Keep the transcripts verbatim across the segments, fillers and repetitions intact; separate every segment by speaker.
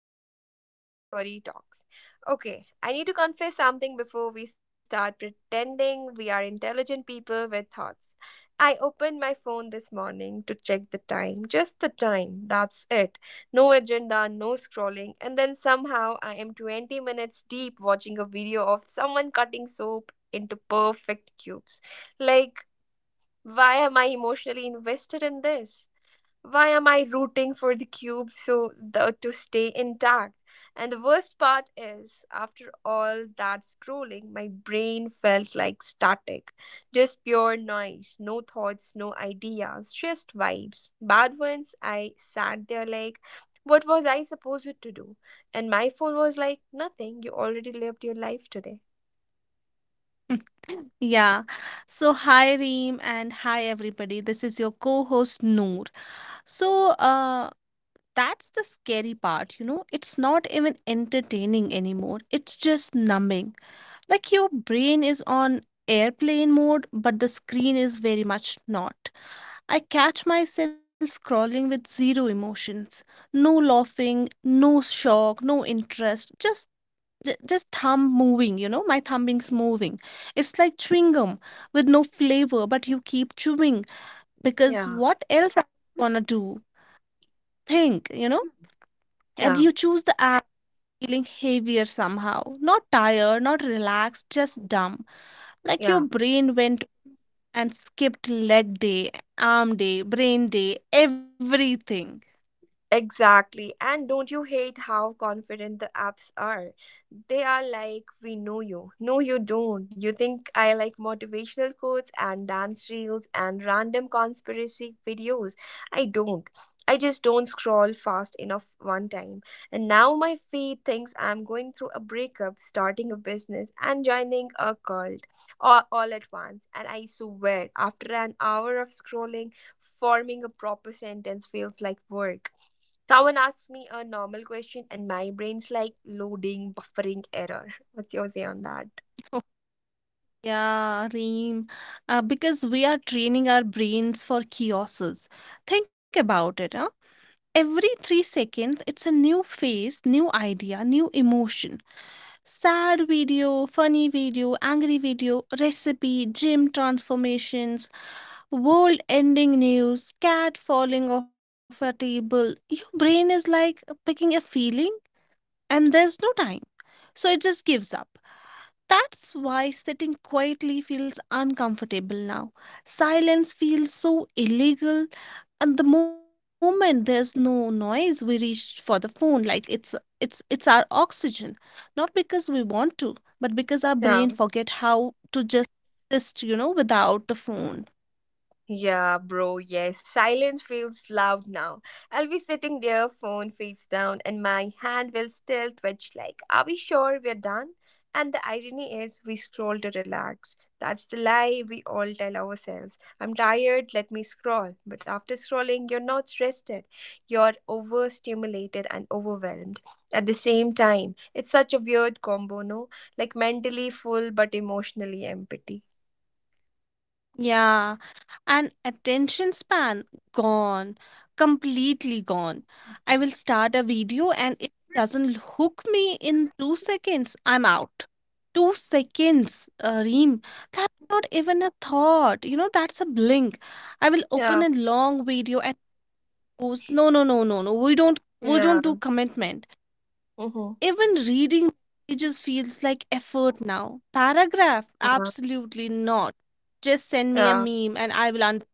Speaker 1: welcome to the Pink Theory Talks. Okay, I need to confess something before we start pretending we are intelligent people with thoughts. I opened my phone this morning to check the time, just the time, that's it. No agenda, no scrolling, and then somehow I am twenty minutes deep watching a video of someone cutting soap into perfect cubes. Like, why am I emotionally invested in this? Why am I rooting for the cube so the, to stay intact? And the worst part is, after all that scrolling, my brain felt like static. Just pure noise, no thoughts, no ideas, just vibes. Bad ones, I sat there like, what was I supposed to do? And my phone was like, nothing, you already lived your life today.
Speaker 2: Yeah. So, hi Reem and hi everybody. This is your co-host Noor. So, uh that's the scary part, you know. It's not even entertaining anymore. It's just numbing. Like your brain is on airplane mode, but the screen is very much not. I catch myself scrolling with zero emotions. No laughing, no shock, no interest, just J- just thumb moving, you know, my thumb is moving. It's like chewing gum with no flavor, but you keep chewing because
Speaker 1: Yeah,
Speaker 2: what else are you gonna do? Think, you know, and
Speaker 1: yeah,
Speaker 2: you choose the app feeling heavier somehow, not tired, not relaxed, just dumb. Like your
Speaker 1: yeah.
Speaker 2: brain went and skipped leg day, arm day, brain day, everything.
Speaker 1: Exactly. And don't you hate how confident the apps are? They are like, we know you. No, you don't. You think I like motivational quotes and dance reels and random conspiracy videos. I don't. I just don't scroll fast enough one time. And now my feed thinks I'm going through a breakup, starting a business, and joining a cult all, all at once. And I swear, after an hour of scrolling, forming a proper sentence feels like work. Someone asks me a normal question and my brain's like loading, buffering error. What's your say on that?
Speaker 2: Oh, yeah, Reem. Uh, because we are training our brains for chaoses. Think about it, huh? every three seconds it's a new face, new idea, new emotion, sad video, funny video, angry video, recipe, gym transformations, world ending news, cat falling off a table. Your brain is like picking a feeling and there's no time, so it just gives up. That's why sitting quietly feels uncomfortable now. Silence feels so illegal. And the moment there's no noise, we reach for the phone like it's it's it's our oxygen. Not because we want to, but because our brain
Speaker 1: Yeah.
Speaker 2: forget how to just exist, you know, without the phone.
Speaker 1: Yeah, bro, yes. Silence feels loud now. I'll be sitting there, phone face down, and my hand will still twitch like, are we sure we're done? And the irony is, we scroll to relax. That's the lie we all tell ourselves. I'm tired, let me scroll. But after scrolling, you're not rested. You're overstimulated and overwhelmed. At the same time, it's such a weird combo, no? Like mentally full but emotionally empty.
Speaker 2: Yeah, and attention span gone, completely gone. I will start a video and if it doesn't hook me in two seconds, I'm out. Two seconds, uh, Reem. That's not even a thought. You know, that's a blink. I will open
Speaker 1: Yeah,
Speaker 2: a long video and post. No, no, no, no, no. We don't, we don't do
Speaker 1: yeah.
Speaker 2: commitment.
Speaker 1: Mm-hmm.
Speaker 2: Even reading pages feels like effort now. Paragraph?
Speaker 1: Yeah,
Speaker 2: Absolutely not. Just send me a
Speaker 1: yeah.
Speaker 2: meme and I will understand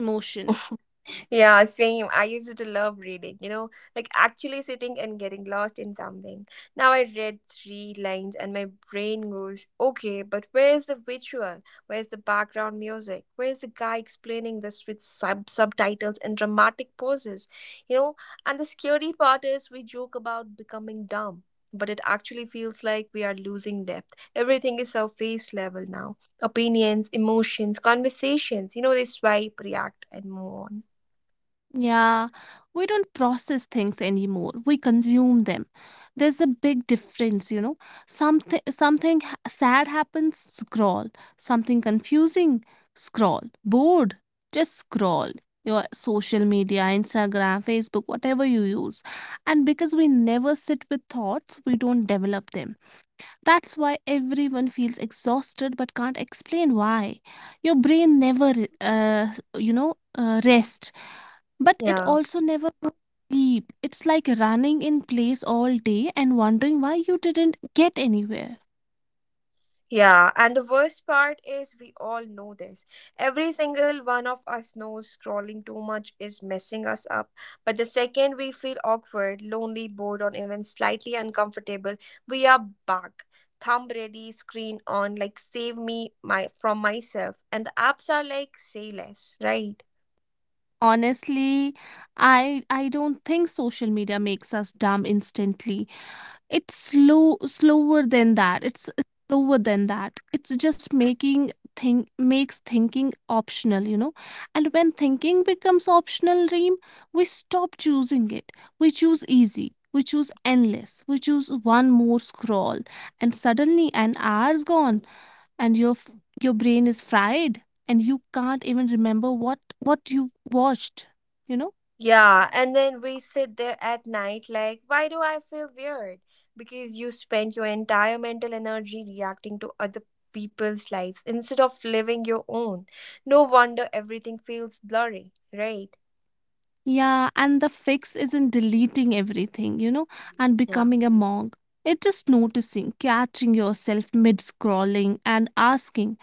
Speaker 2: emotion.
Speaker 1: Yeah, same. I used to love reading, you know, like actually sitting and getting lost in something. Now I read three lines and my brain goes, okay, but where's the visual? Where's the background music? Where's the guy explaining this with sub- subtitles and dramatic poses? You know, and the scary part is we joke about becoming dumb. But it actually feels like we are losing depth. Everything is surface level now. Opinions, emotions, conversations, you know, they swipe, react, and move on.
Speaker 2: Yeah, we don't process things anymore. We consume them. There's a big difference, you know. Something something ha- sad happens, scroll. Something confusing, scroll. Bored, just scroll. Your social media, Instagram, Facebook, whatever you use. And because we never sit with thoughts, we don't develop them. That's why everyone feels exhausted but can't explain why. Your brain never, uh, you know, uh, rests but it
Speaker 1: Yeah.
Speaker 2: also never goes deep. It's like running in place all day and wondering why you didn't get anywhere.
Speaker 1: Yeah, and the worst part is we all know this. Every single one of us knows scrolling too much is messing us up. But the second we feel awkward, lonely, bored, or even slightly uncomfortable, we are back. Thumb ready, screen on, like save me my from myself. And the apps are like say less, right?
Speaker 2: Honestly, I I don't think social media makes us dumb instantly. It's slow slower than that. It's it's slower than that. It's just making think makes thinking optional, you know. And when thinking becomes optional, Reem, we stop choosing it. We choose easy. We choose endless. We choose one more scroll, and suddenly an hour's gone, and your f- your brain is fried, and you can't even remember what what you watched. You know.
Speaker 1: Yeah, and then we sit there at night like, why do I feel weird? Because you spend your entire mental energy reacting to other people's lives instead of living your own. No wonder everything feels blurry, right?
Speaker 2: Yeah, and the fix isn't deleting everything, you know, and
Speaker 1: Yeah.
Speaker 2: becoming a monk. It's just noticing, catching yourself mid scrolling and asking,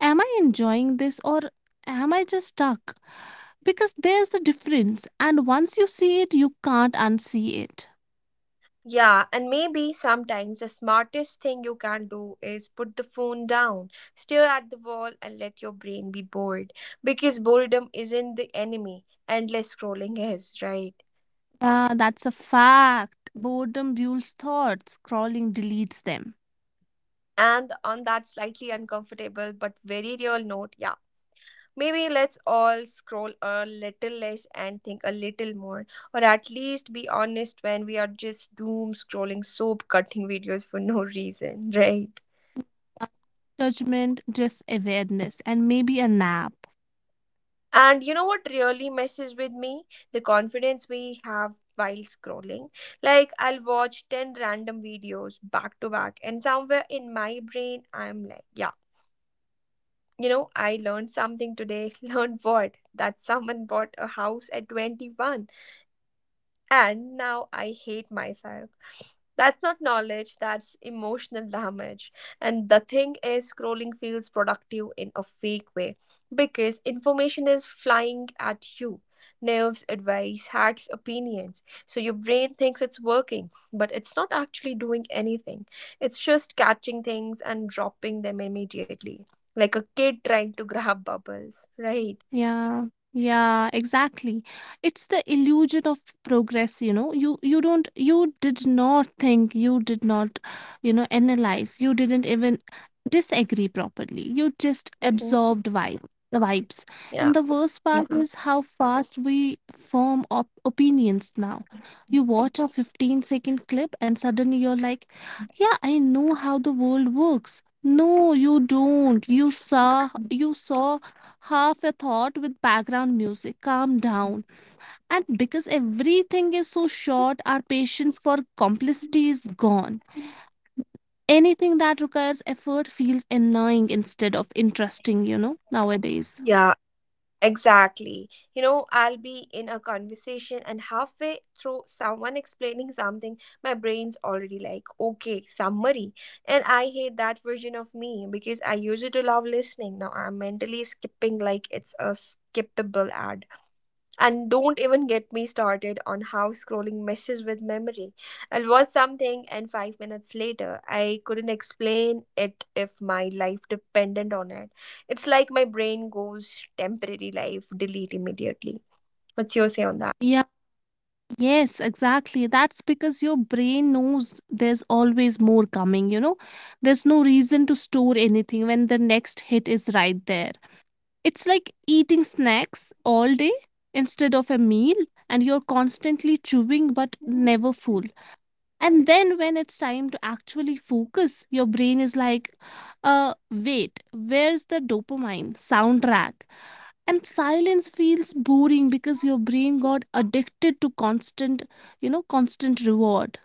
Speaker 2: am I enjoying this or am I just stuck? Because there's a difference, and once you see it, you can't unsee it.
Speaker 1: Yeah, and maybe sometimes the smartest thing you can do is put the phone down, stare at the wall, and let your brain be bored. Because boredom isn't the enemy, endless scrolling is, right?
Speaker 2: Yeah, that's a fact. Boredom rules thoughts, scrolling deletes them.
Speaker 1: And on that slightly uncomfortable but very real note, yeah, maybe let's all scroll a little less and think a little more, or at least be honest when we are just doom scrolling soap cutting videos for no reason, right?
Speaker 2: Judgment, just awareness, and maybe a nap.
Speaker 1: And you know what really messes with me? The confidence we have while scrolling. Like, I'll watch ten random videos back to back, and somewhere in my brain, I'm like, yeah. You know, I learned something today. Learned what? That someone bought a house at twenty-one. And now I hate myself. That's not knowledge, that's emotional damage. And the thing is, scrolling feels productive in a fake way because information is flying at you nerves, advice, hacks, opinions. So your brain thinks it's working, but it's not actually doing anything. It's just catching things and dropping them immediately, like a kid trying to grab bubbles, right?
Speaker 2: Yeah, yeah, exactly. It's the illusion of progress, you know. You you don't you did not think, you did not, you know, analyze, you didn't even disagree properly. You just
Speaker 1: Hmm.
Speaker 2: absorbed vibe the vibes. And
Speaker 1: Yeah.
Speaker 2: the worst part
Speaker 1: Mhm.
Speaker 2: is how fast we form op opinions now. You watch a fifteen second clip and suddenly you're like, yeah, I know how the world works. No, you don't. You saw you saw half a thought with background music. Calm down. And because everything is so short, our patience for complicity is gone. Anything that requires effort feels annoying instead of interesting, you know, nowadays.
Speaker 1: Yeah. Exactly. You know, I'll be in a conversation and halfway through someone explaining something, my brain's already like, okay, summary. And I hate that version of me because I used to love listening. Now I'm mentally skipping like it's a skippable ad. And don't even get me started on how scrolling messes with memory. I'll watch something and five minutes later, I couldn't explain it if my life depended on it. It's like my brain goes temporary life, delete immediately. What's your say on that?
Speaker 2: Yeah, Yes, exactly. That's because your brain knows there's always more coming, you know? There's no reason to store anything when the next hit is right there. It's like eating snacks all day instead of a meal, and you're constantly chewing but never full. And then when it's time to actually focus, your brain is like, uh, wait, where's the dopamine soundtrack? And silence feels boring because your brain got addicted to constant you know constant reward.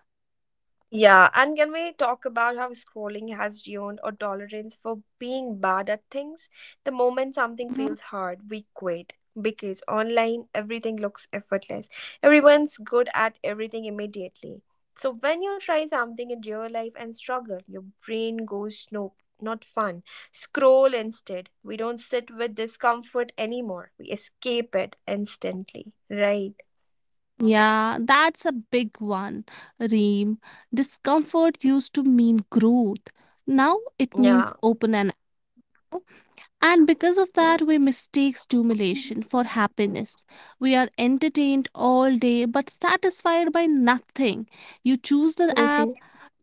Speaker 1: Yeah, and can we talk about how scrolling has ruined our tolerance for being bad at things? The moment something
Speaker 2: Mhm.
Speaker 1: feels hard, we quit. Because online, everything looks effortless. Everyone's good at everything immediately. So when you try something in real life and struggle, your brain goes, nope, not fun. Scroll instead. We don't sit with discomfort anymore. We escape it instantly, right?
Speaker 2: Yeah, that's a big one, Reem. Discomfort used to mean growth, now it means
Speaker 1: Yeah.
Speaker 2: open. and And because of that, we mistake stimulation for happiness. We are entertained all day but satisfied by nothing. You choose the app,
Speaker 1: Hmm.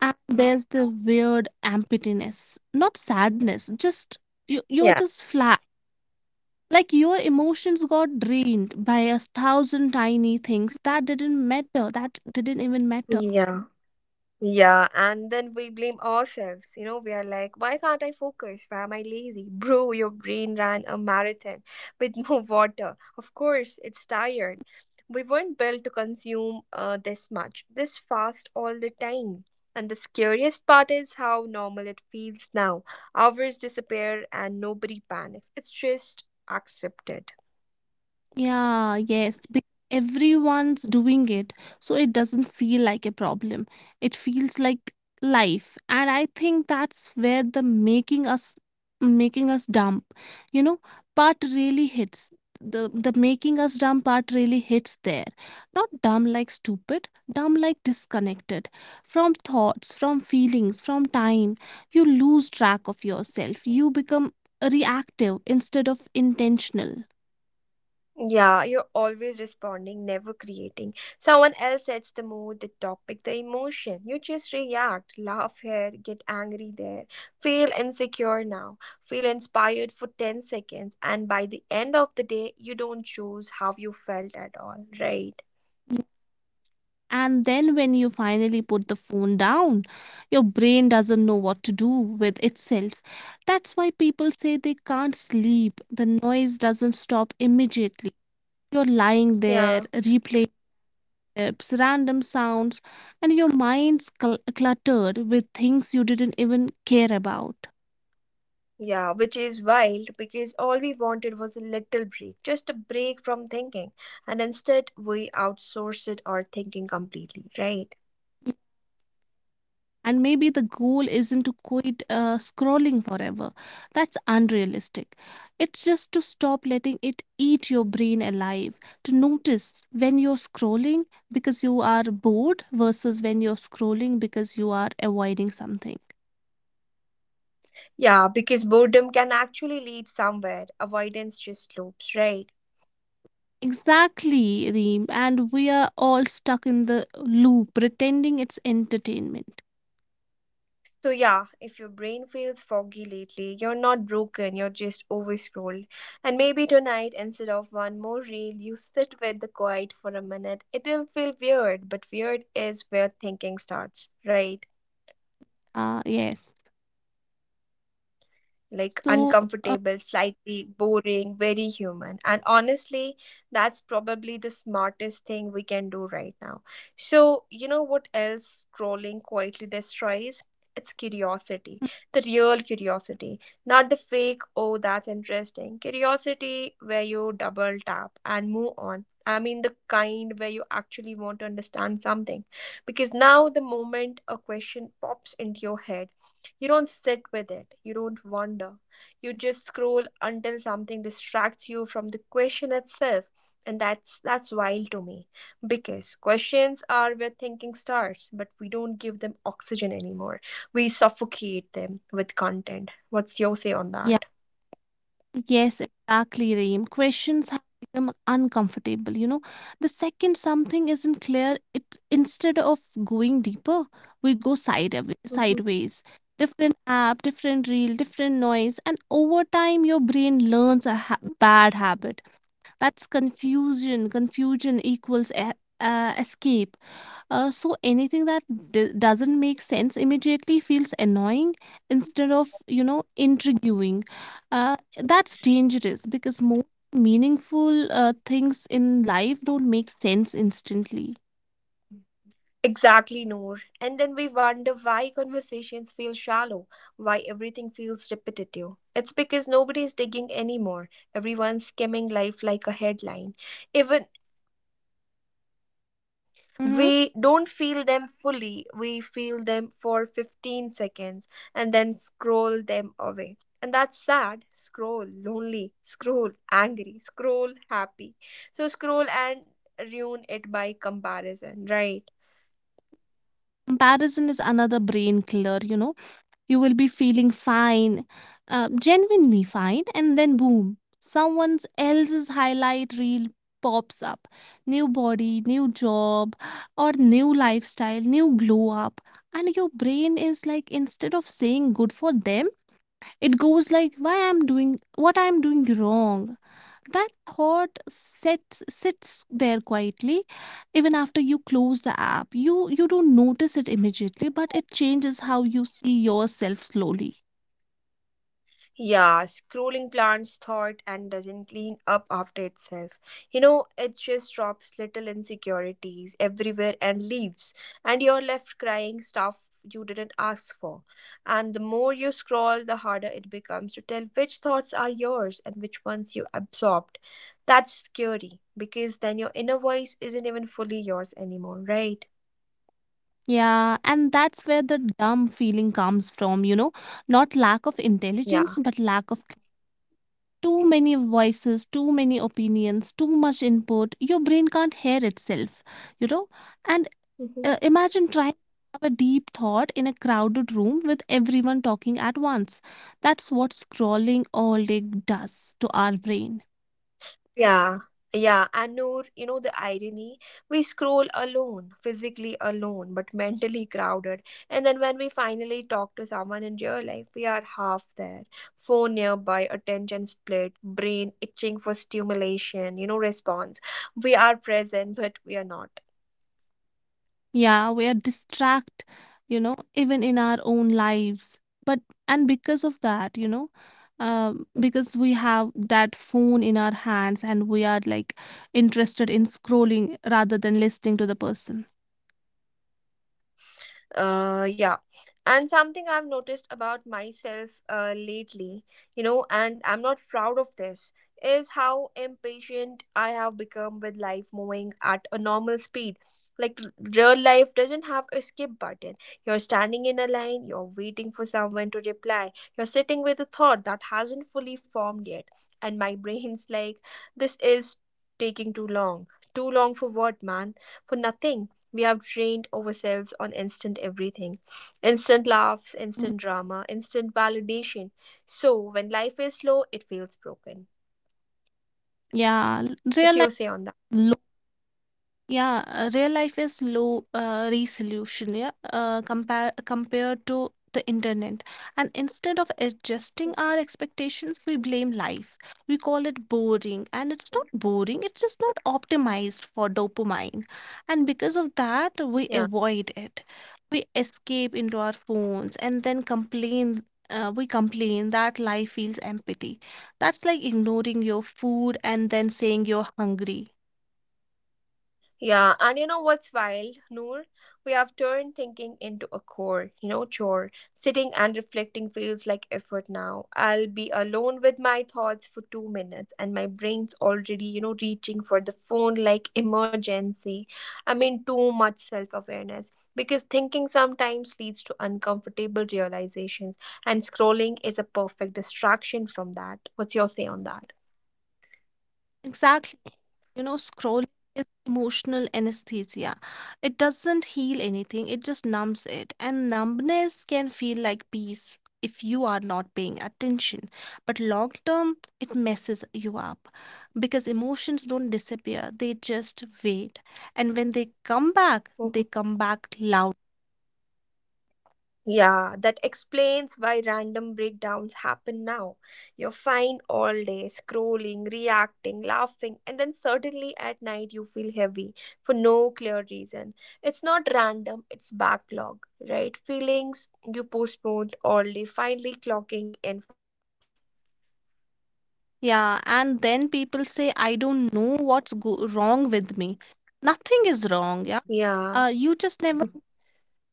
Speaker 2: and there's the weird emptiness, not sadness, just you, you're
Speaker 1: Yeah.
Speaker 2: just flat. Like your emotions got drained by a thousand tiny things that didn't matter, that didn't even matter.
Speaker 1: Yeah. Yeah, and then we blame ourselves. You know, we are like, why can't I focus? Why am I lazy? Bro, your brain ran a marathon with no water. Of course, it's tired. We weren't built to consume uh, this much, this fast all the time. And the scariest part is how normal it feels now. Hours disappear and nobody panics. It's just accepted.
Speaker 2: Yeah, yes, because everyone's doing it, so it doesn't feel like a problem. It feels like life, and I think that's where the making us making us dump, you know, part really hits. The the making us dumb part really hits there. Not dumb like stupid, dumb like disconnected. From thoughts, from feelings, from time, you lose track of yourself. You become reactive instead of intentional.
Speaker 1: Yeah, you're always responding, never creating. Someone else sets the mood, the topic, the emotion. You just react, laugh here, get angry there, feel insecure now, feel inspired for ten seconds, and by the end of the day, you don't choose how you felt at all, right?
Speaker 2: And then when you finally put the phone down, your brain doesn't know what to do with itself. That's why people say they can't sleep. The noise doesn't stop immediately. You're lying
Speaker 1: Yeah.
Speaker 2: there, replaying clips, random sounds, and your mind's cl- cluttered with things you didn't even care about.
Speaker 1: Yeah, which is wild because all we wanted was a little break, just a break from thinking, and instead we outsource it or thinking completely, right?
Speaker 2: And maybe the goal isn't to quit uh, scrolling forever. That's unrealistic. It's just to stop letting it eat your brain alive, to notice when you're scrolling because you are bored versus when you're scrolling because you are avoiding something.
Speaker 1: Yeah, because boredom can actually lead somewhere. Avoidance just loops, right?
Speaker 2: Exactly, Reem. And we are all stuck in the loop, pretending it's entertainment.
Speaker 1: So yeah, if your brain feels foggy lately, you're not broken, you're just overscrolled. And maybe tonight, instead of one more reel, you sit with the quiet for a minute. It'll feel weird, but weird is where thinking starts, right?
Speaker 2: Ah, yes.
Speaker 1: Like
Speaker 2: So, uh,
Speaker 1: uncomfortable, slightly boring, very human. And honestly, that's probably the smartest thing we can do right now. So, you know what else scrolling quietly destroys? It's curiosity, the real curiosity, not the fake, oh, that's interesting. Curiosity where you double tap and move on. I mean, the kind where you actually want to understand something. Because now, the moment a question pops into your head, you don't sit with it, you don't wonder. You just scroll until something distracts you from the question itself. And that's that's wild to me because questions are where thinking starts, but we don't give them oxygen anymore. We suffocate them with content. What's your say on
Speaker 2: yeah.
Speaker 1: that?
Speaker 2: Yes, exactly, Reem. Questions have become uncomfortable. You know, the second something isn't clear, it instead of going deeper, we go side
Speaker 1: Mhm.
Speaker 2: sideways. Different app, different reel, different noise, and over time, your brain learns a ha- bad habit. That's confusion. Confusion equals e- uh, escape. Uh, so anything that d- doesn't make sense immediately feels annoying instead of, you know, intriguing. Uh, that's dangerous because most meaningful uh, things in life don't make sense instantly.
Speaker 1: Exactly, Noor. And then we wonder why conversations feel shallow, why everything feels repetitive. It's because nobody's digging anymore. Everyone's skimming life like a headline. Even emotion.
Speaker 2: Mm-hmm.
Speaker 1: We don't feel them fully, we feel them for fifteen seconds and then scroll them away. And that's sad. Scroll, lonely, scroll, angry, scroll, happy. So scroll and ruin it by comparison, right?
Speaker 2: Comparison is another brain killer. You know, you will be feeling fine, uh, genuinely fine, and then boom, someone else's highlight reel pops up. New body, new job, or new lifestyle, new glow up. And your brain is like, instead of saying good for them, it goes like, why I'm doing what I'm doing wrong. That thought sits sits there quietly even after you close the app. You you don't notice it immediately, but it changes how you see yourself slowly.
Speaker 1: Yeah, scrolling plants thought and doesn't clean up after itself. You know, it just drops little insecurities everywhere and leaves, and you're left crying stuff you didn't ask for. And the more you scroll, the harder it becomes to tell which thoughts are yours and which ones you absorbed. That's scary because then your inner voice isn't even fully yours anymore, right?
Speaker 2: Yeah, and that's where the dumb feeling comes from, you know, not lack of
Speaker 1: Yeah.
Speaker 2: intelligence, but lack of too many voices, too many opinions, too much input. Your brain can't hear itself, you know. And uh, imagine trying to have a deep thought in a crowded room with everyone talking at once. That's what scrolling all day does to our brain.
Speaker 1: Yeah, yeah, and Noor, you know the irony? We scroll alone, physically alone, but mentally crowded. And then when we finally talk to someone in real life, we are half there. Phone nearby, attention split, brain itching for stimulation, you know, response. We are present, but we are not.
Speaker 2: Yeah, we are distract you know even in our own lives. But and because of that, you know, um, because we have that phone in our hands and we are like interested in scrolling rather than listening to the person.
Speaker 1: Uh, yeah. And something I've noticed about myself uh, lately, you know, and I'm not proud of this, is how impatient I have become with life moving at a normal speed. Like, r- real life doesn't have a skip button. You're standing in a line, you're waiting for someone to reply, you're sitting with a thought that hasn't fully formed yet. And my brain's like, this is taking too long. Too long for what, man? For nothing. We have trained ourselves on instant everything, instant laughs, instant drama, instant validation. So when life is slow, it feels broken.
Speaker 2: yeah real
Speaker 1: What's your say on that?
Speaker 2: life Yeah, uh, real life is low uh, resolution, yeah, uh, compare compared to the internet. And instead of adjusting our expectations, we blame life. We call it boring, and it's not boring, it's just not optimized for dopamine. And because of that, we
Speaker 1: Yeah.
Speaker 2: avoid it. We escape into our phones and then complain. Uh, we complain that life feels empty. That's like ignoring your food and then saying you're hungry.
Speaker 1: Yeah, and you know what's wild, Noor? We have turned thinking into a core, you know, chore. Sitting and reflecting feels like effort now. I'll be alone with my thoughts for two minutes, and my brain's already, you know, reaching for the phone like emergency. I mean, too much self awareness. Because thinking sometimes leads to uncomfortable realizations, and scrolling is a perfect distraction from that. What's your say on that?
Speaker 2: Exactly. You know, scrolling is emotional anesthesia. It doesn't heal anything, it just numbs it. And numbness can feel like peace if you are not paying attention. But long term, it messes you up because emotions don't disappear, they just wait. And when they come back,
Speaker 1: 嗯
Speaker 2: they
Speaker 1: 哼。
Speaker 2: come back loud.
Speaker 1: Yeah, that explains why random breakdowns happen now. You're fine all day, scrolling, reacting, laughing, and then suddenly at night you feel heavy for no clear reason. It's not random, it's backlog, right? Feelings you postponed all day, finally clocking in for work.
Speaker 2: Yeah, and then people say, I don't know what's go- wrong with me. Nothing is wrong. Yeah.
Speaker 1: Yeah.
Speaker 2: Uh, you just never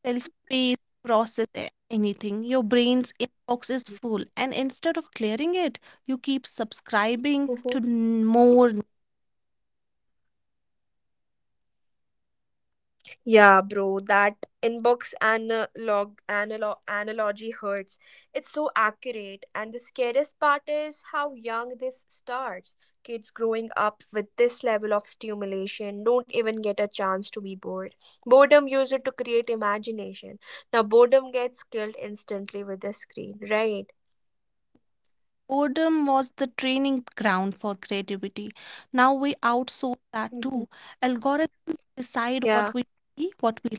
Speaker 2: self space to process a- anything. Your brain's inbox is full and instead of clearing it you keep subscribing to n- more.
Speaker 1: Yeah, bro, that inbox analog analog analogy hurts. It's so accurate, and the scariest part is how young this starts. Kids growing up with this level of stimulation don't even get a chance to be bored. Boredom used it to create imagination. Now boredom gets killed instantly with the screen, right?
Speaker 2: Boredom was the training ground for creativity. Now we outsource that
Speaker 1: Mhm.
Speaker 2: too. Algorithms decide
Speaker 1: Yeah.
Speaker 2: what we see, what we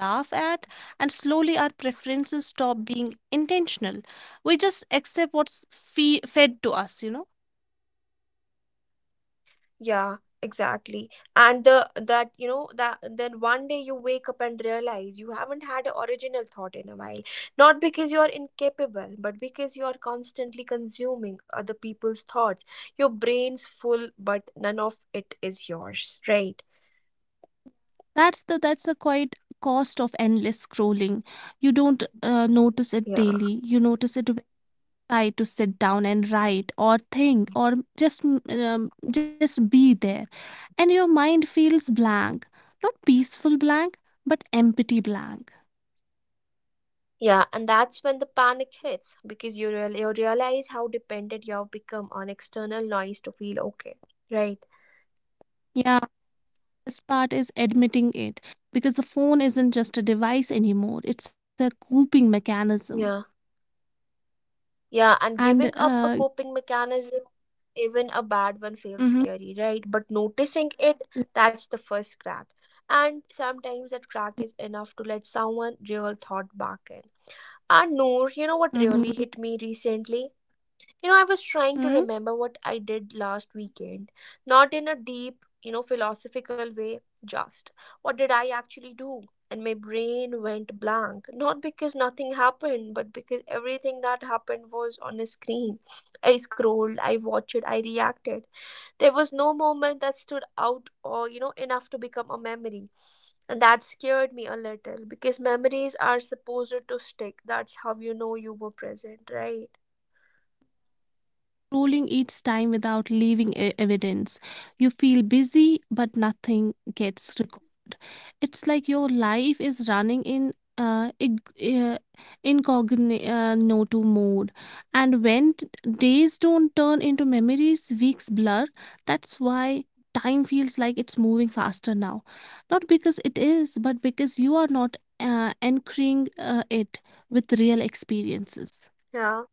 Speaker 2: laugh at, and slowly our preferences stop being intentional. We just accept what's fe- fed to us, you know.
Speaker 1: Yeah, exactly. And the that you know that then one day you wake up and realize you haven't had an original thought in a while. Not because you're incapable, but because you are constantly consuming other people's thoughts. Your brain's full, but none of it is yours, right?
Speaker 2: That's the that's the quite cost of endless scrolling. You don't uh, notice it
Speaker 1: Yeah.
Speaker 2: daily. You notice it when you try to sit down and write or think or just mm, um, just be there, and your mind feels blank, not peaceful blank, but empty blank.
Speaker 1: Yeah, and that's when the panic hits because you real you realize how dependent you have become on external noise to feel okay, right?
Speaker 2: Yeah, this part is admitting it because the phone isn't just a device anymore. It's a coping mechanism,
Speaker 1: Yeah. Yeah, and
Speaker 2: and
Speaker 1: giving up a
Speaker 2: uh,
Speaker 1: coping mechanism, even a bad one, feels
Speaker 2: mhm,
Speaker 1: scary, right? But noticing it, that's the first crack. And sometimes that crack is enough to let someone real thought back in. And Noor, you know what
Speaker 2: mhm,
Speaker 1: really hit me recently? You know, I was trying to
Speaker 2: mhm.
Speaker 1: remember what I did last weekend, not in a deep, you know, philosophical way, just what did I actually do? And my brain went blank, not because nothing happened, but because everything that happened was on a screen. I scrolled, I watched, I reacted. There was no moment that stood out or, you know, enough to become a memory. And that scared me a little because memories are supposed to stick. That's how you know you were present, right?
Speaker 2: Scrolling each time without leaving e- evidence. You feel busy, but nothing gets recorded. It's like your life is running in uh, ig- uh, incognito mode. And when t- days don't turn into memories, weeks blur. That's why time feels like it's moving faster now. Not because it is, but because you are not uh, anchoring uh, it with real experiences.
Speaker 1: Yeah.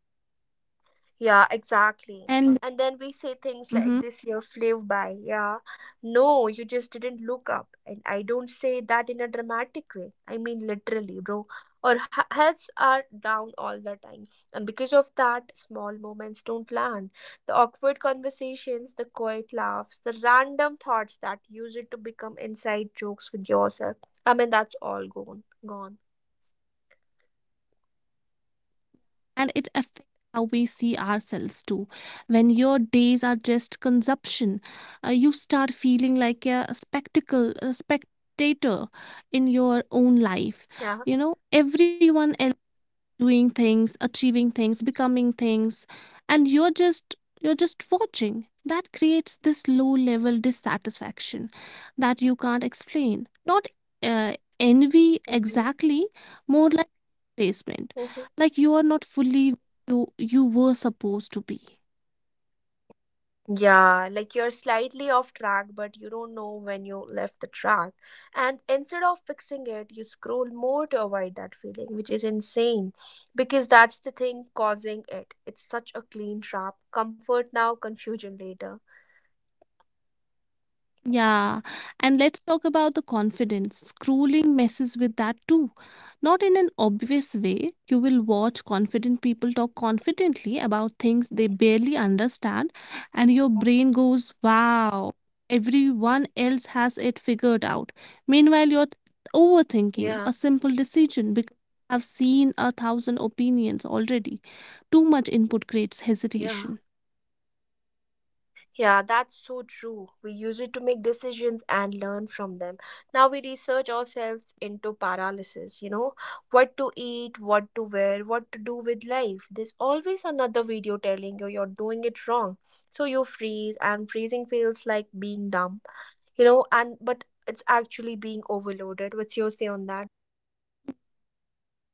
Speaker 1: Yeah, exactly.
Speaker 2: And
Speaker 1: And then we say things like
Speaker 2: mhm.
Speaker 1: this year flew by. Yeah. No, you just didn't look up. And I don't say that in a dramatic way. I mean, literally, bro. Our he- heads are down all the time. And because of that, small moments don't land. The awkward conversations, the quiet laughs, the random thoughts that use it to become inside jokes with yourself. I mean, that's all gone. Gone.
Speaker 2: And it affects how we see ourselves too. When your days are just consumption, uh, you start feeling like a spectacle, a spectator in your own life.
Speaker 1: Yeah.
Speaker 2: You know, everyone else doing things, achieving things, becoming things, and you're just you're just watching. That creates this low level dissatisfaction that you can't explain. Not uh, envy exactly, more like replacement.
Speaker 1: Hmm.
Speaker 2: Like you are not fully you you were supposed to be.
Speaker 1: Yeah, like you're slightly off track, but you don't know when you left the track. And instead of fixing it, you scroll more to avoid that feeling, which is insane because that's the thing causing it. It's such a clean trap. Comfort now, confusion later.
Speaker 2: Yeah, and let's talk about the confidence. Scrolling messes with that too. Not in an obvious way. You will watch confident people talk confidently about things they barely understand, and your brain goes, wow, everyone else has it figured out. Meanwhile, you're overthinking
Speaker 1: Yeah,
Speaker 2: a simple decision because you have seen a thousand opinions already. Too much input creates
Speaker 1: yeah.
Speaker 2: hesitation.
Speaker 1: Yeah, that's so true. We use it to make decisions and learn from them. Now we research ourselves into paralysis, you know, what to eat, what to wear, what to do with life. There's always another video telling you you're doing it wrong. So you freeze, and freezing feels like being dumb, you know, and but it's actually being overloaded. What's your say on that?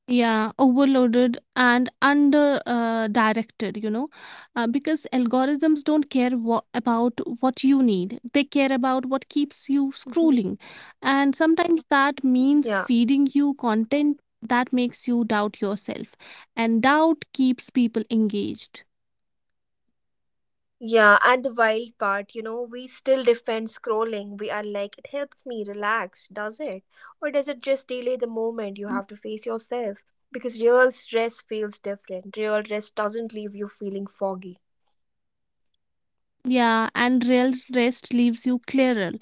Speaker 2: Yeah, overloaded and under uh, directed, you know, uh, because algorithms don't care wha- about what you need, they care about what keeps you
Speaker 1: Mhm.
Speaker 2: scrolling. And sometimes that means
Speaker 1: Yeah.
Speaker 2: feeding you content that makes you doubt yourself, and doubt keeps people engaged.
Speaker 1: Yeah, and the wild part, you know, we still defend scrolling. We are like, it helps me relax, does it? Or does it just delay the moment you have to face yourself? Because real stress feels different. Real rest doesn't leave you feeling foggy.
Speaker 2: Yeah, and real rest leaves you clearer,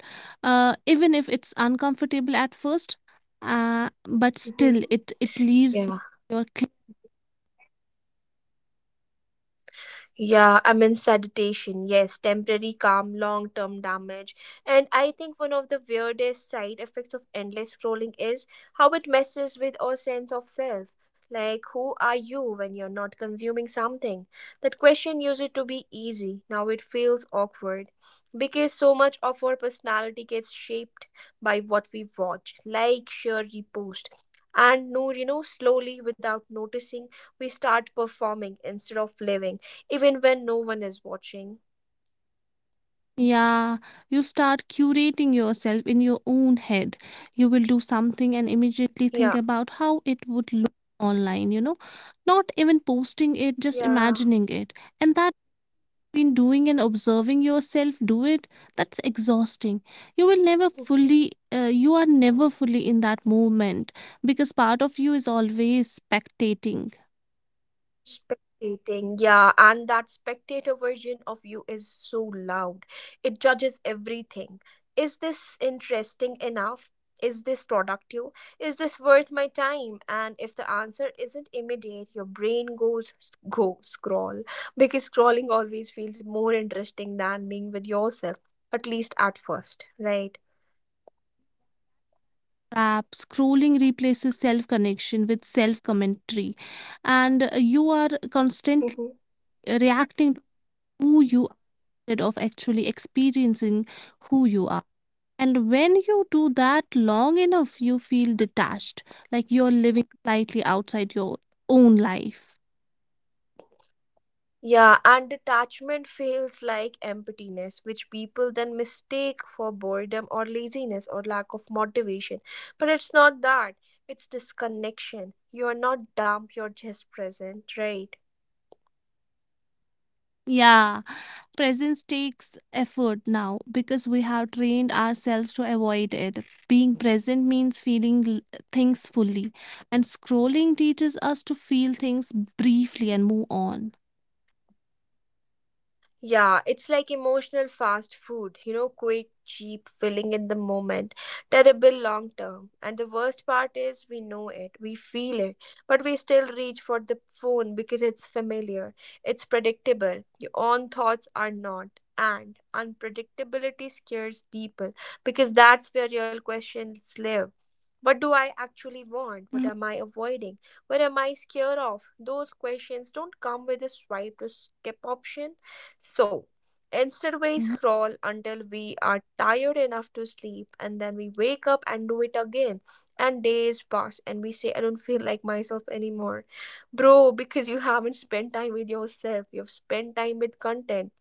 Speaker 2: uh, even if it's uncomfortable at first. Uh, but
Speaker 1: Mhm.
Speaker 2: still it it leaves
Speaker 1: Yeah.
Speaker 2: your.
Speaker 1: Yeah, immense sedition. Yes, temporary calm, long term damage. And I think one of the weirdest side effects of endless scrolling is how it messes with our sense of self. Like, who are you when you're not consuming something? That question used to be easy. Now it feels awkward because so much of our personality gets shaped by what we watch, like, share, repost. And no, you know, slowly without noticing, we start performing instead of living even when no one is watching.
Speaker 2: Yeah, you start curating yourself in your own head. You will do something and immediately think
Speaker 1: Yeah,
Speaker 2: about how it would look online, you know, not even posting it, just
Speaker 1: yeah.
Speaker 2: imagining it. And that been doing and observing yourself do it, that's exhausting. You will never
Speaker 1: Mhm.
Speaker 2: fully, uh, you are never fully in that moment because part of you is always spectating.
Speaker 1: Spectating, yeah, and that spectator version of you is so loud. It judges everything. Is this interesting enough? Is this productive? Is this worth my time? And if the answer isn't immediate, your brain goes go scroll because scrolling always feels more interesting than being with yourself, at least at first, right?
Speaker 2: App scrolling replaces self connection with self commentary and uh, you are constantly reacting to who you are instead of actually experiencing who you are. And when you do that long enough, you feel detached, like you're living slightly outside your own life.
Speaker 1: Yeah, and detachment feels like emptiness, which people then mistake for boredom or laziness or lack of motivation. But it's not that, it's disconnection. You're not dumb, you're just present, right?
Speaker 2: Yeah, presence takes effort now because we have trained ourselves to avoid it. Being present means feeling l- things fully, and scrolling teaches us to feel things briefly and move on.
Speaker 1: Yeah, it's like emotional fast food, you know, quick, cheap, filling in the moment, terrible long term. And the worst part is we know it, we feel it, but we still reach for the phone because it's familiar, it's predictable. Your own thoughts are not. And unpredictability scares people because that's where real questions live. What do I actually want? What
Speaker 2: Mhm,
Speaker 1: am I avoiding? What am I scared of? Those questions don't come with a swipe to skip option, so instead, we
Speaker 2: mhm,
Speaker 1: scroll until we are tired enough to sleep, and then we wake up and do it again. And days pass, and we say, I don't feel like myself anymore. Bro, because you haven't spent time with yourself, you've spent time with content.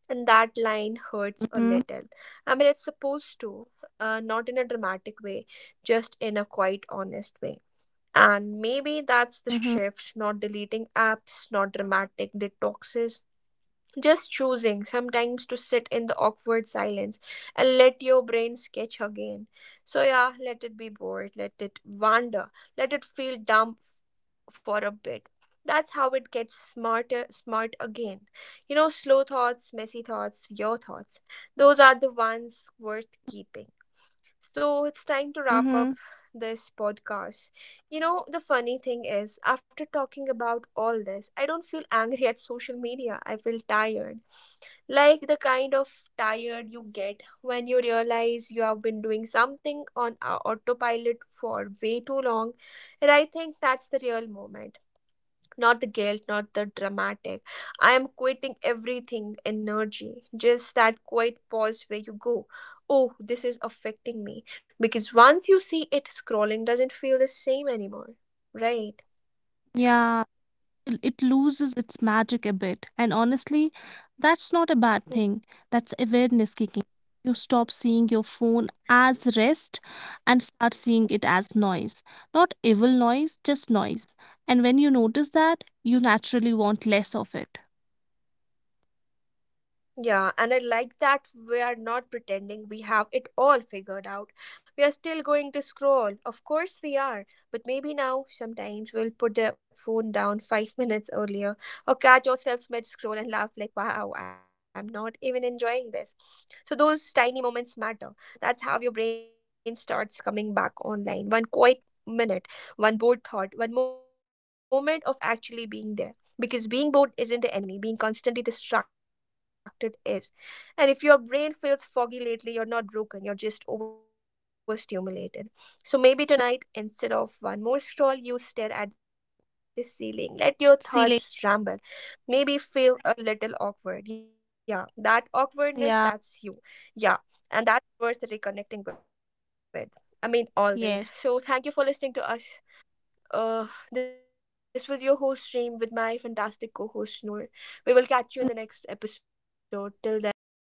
Speaker 1: And that line hurts a
Speaker 2: mhm,
Speaker 1: little. I mean, it's supposed to, uh, not in a dramatic way, just in a quite honest way. And maybe that's the
Speaker 2: mhm,
Speaker 1: shift, not deleting apps, not dramatic detoxes, just choosing sometimes to sit in the awkward silence and let your brain sketch again. So, yeah, let it be bored, let it wander, let it feel dumb for a bit. That's how it gets smarter, smart again. You know, slow thoughts, messy thoughts, your thoughts, those are the ones worth keeping. So, it's time to wrap up
Speaker 2: mhm.
Speaker 1: this podcast. You know, the funny thing is, after talking about all this, I don't feel angry at social media. I feel tired, like the kind of tired you get when you realize you have been doing something on au- autopilot for way too long. And I think that's the real moment, not the guilt, not the dramatic I am quitting everything energy, just that quiet pause where you go, oh, this is affecting me, because once you see it, scrolling doesn't feel the same anymore, right?
Speaker 2: Yeah, it it loses its magic a bit. And honestly, that's not a bad
Speaker 1: Hmm.
Speaker 2: thing. That's awareness kicking. You stop seeing your phone as rest and start seeing it as noise. Not evil noise, just noise. And when you notice that, you naturally want less of it.
Speaker 1: Yeah, and I like that we are not pretending we have it all figured out. We are still going to scroll. Of course we are. But maybe now, sometimes we'll put the phone down five minutes earlier or catch ourselves mid scroll and laugh like, wow, I'm not even enjoying this. So those tiny moments matter. That's how your brain starts coming back online. One quiet minute, one bored thought, one moment of actually being there, because being bored isn't the enemy, being constantly distracted is. And if your brain feels foggy lately, you're not broken, you're just overstimulated. So maybe tonight, instead of one more scroll, you stare at the ceiling, let your
Speaker 2: Ceiling.
Speaker 1: thoughts ramble, maybe feel a little awkward. Yeah, that
Speaker 2: Yeah.
Speaker 1: awkwardness, that's you. Yeah, and that's worth reconnecting with. I mean, always,
Speaker 2: Yes.
Speaker 1: so thank you for listening to us. Uh, this was your host stream with my fantastic co-host Noor. We will
Speaker 2: Mm,
Speaker 1: catch you in the next episode. Till then, bye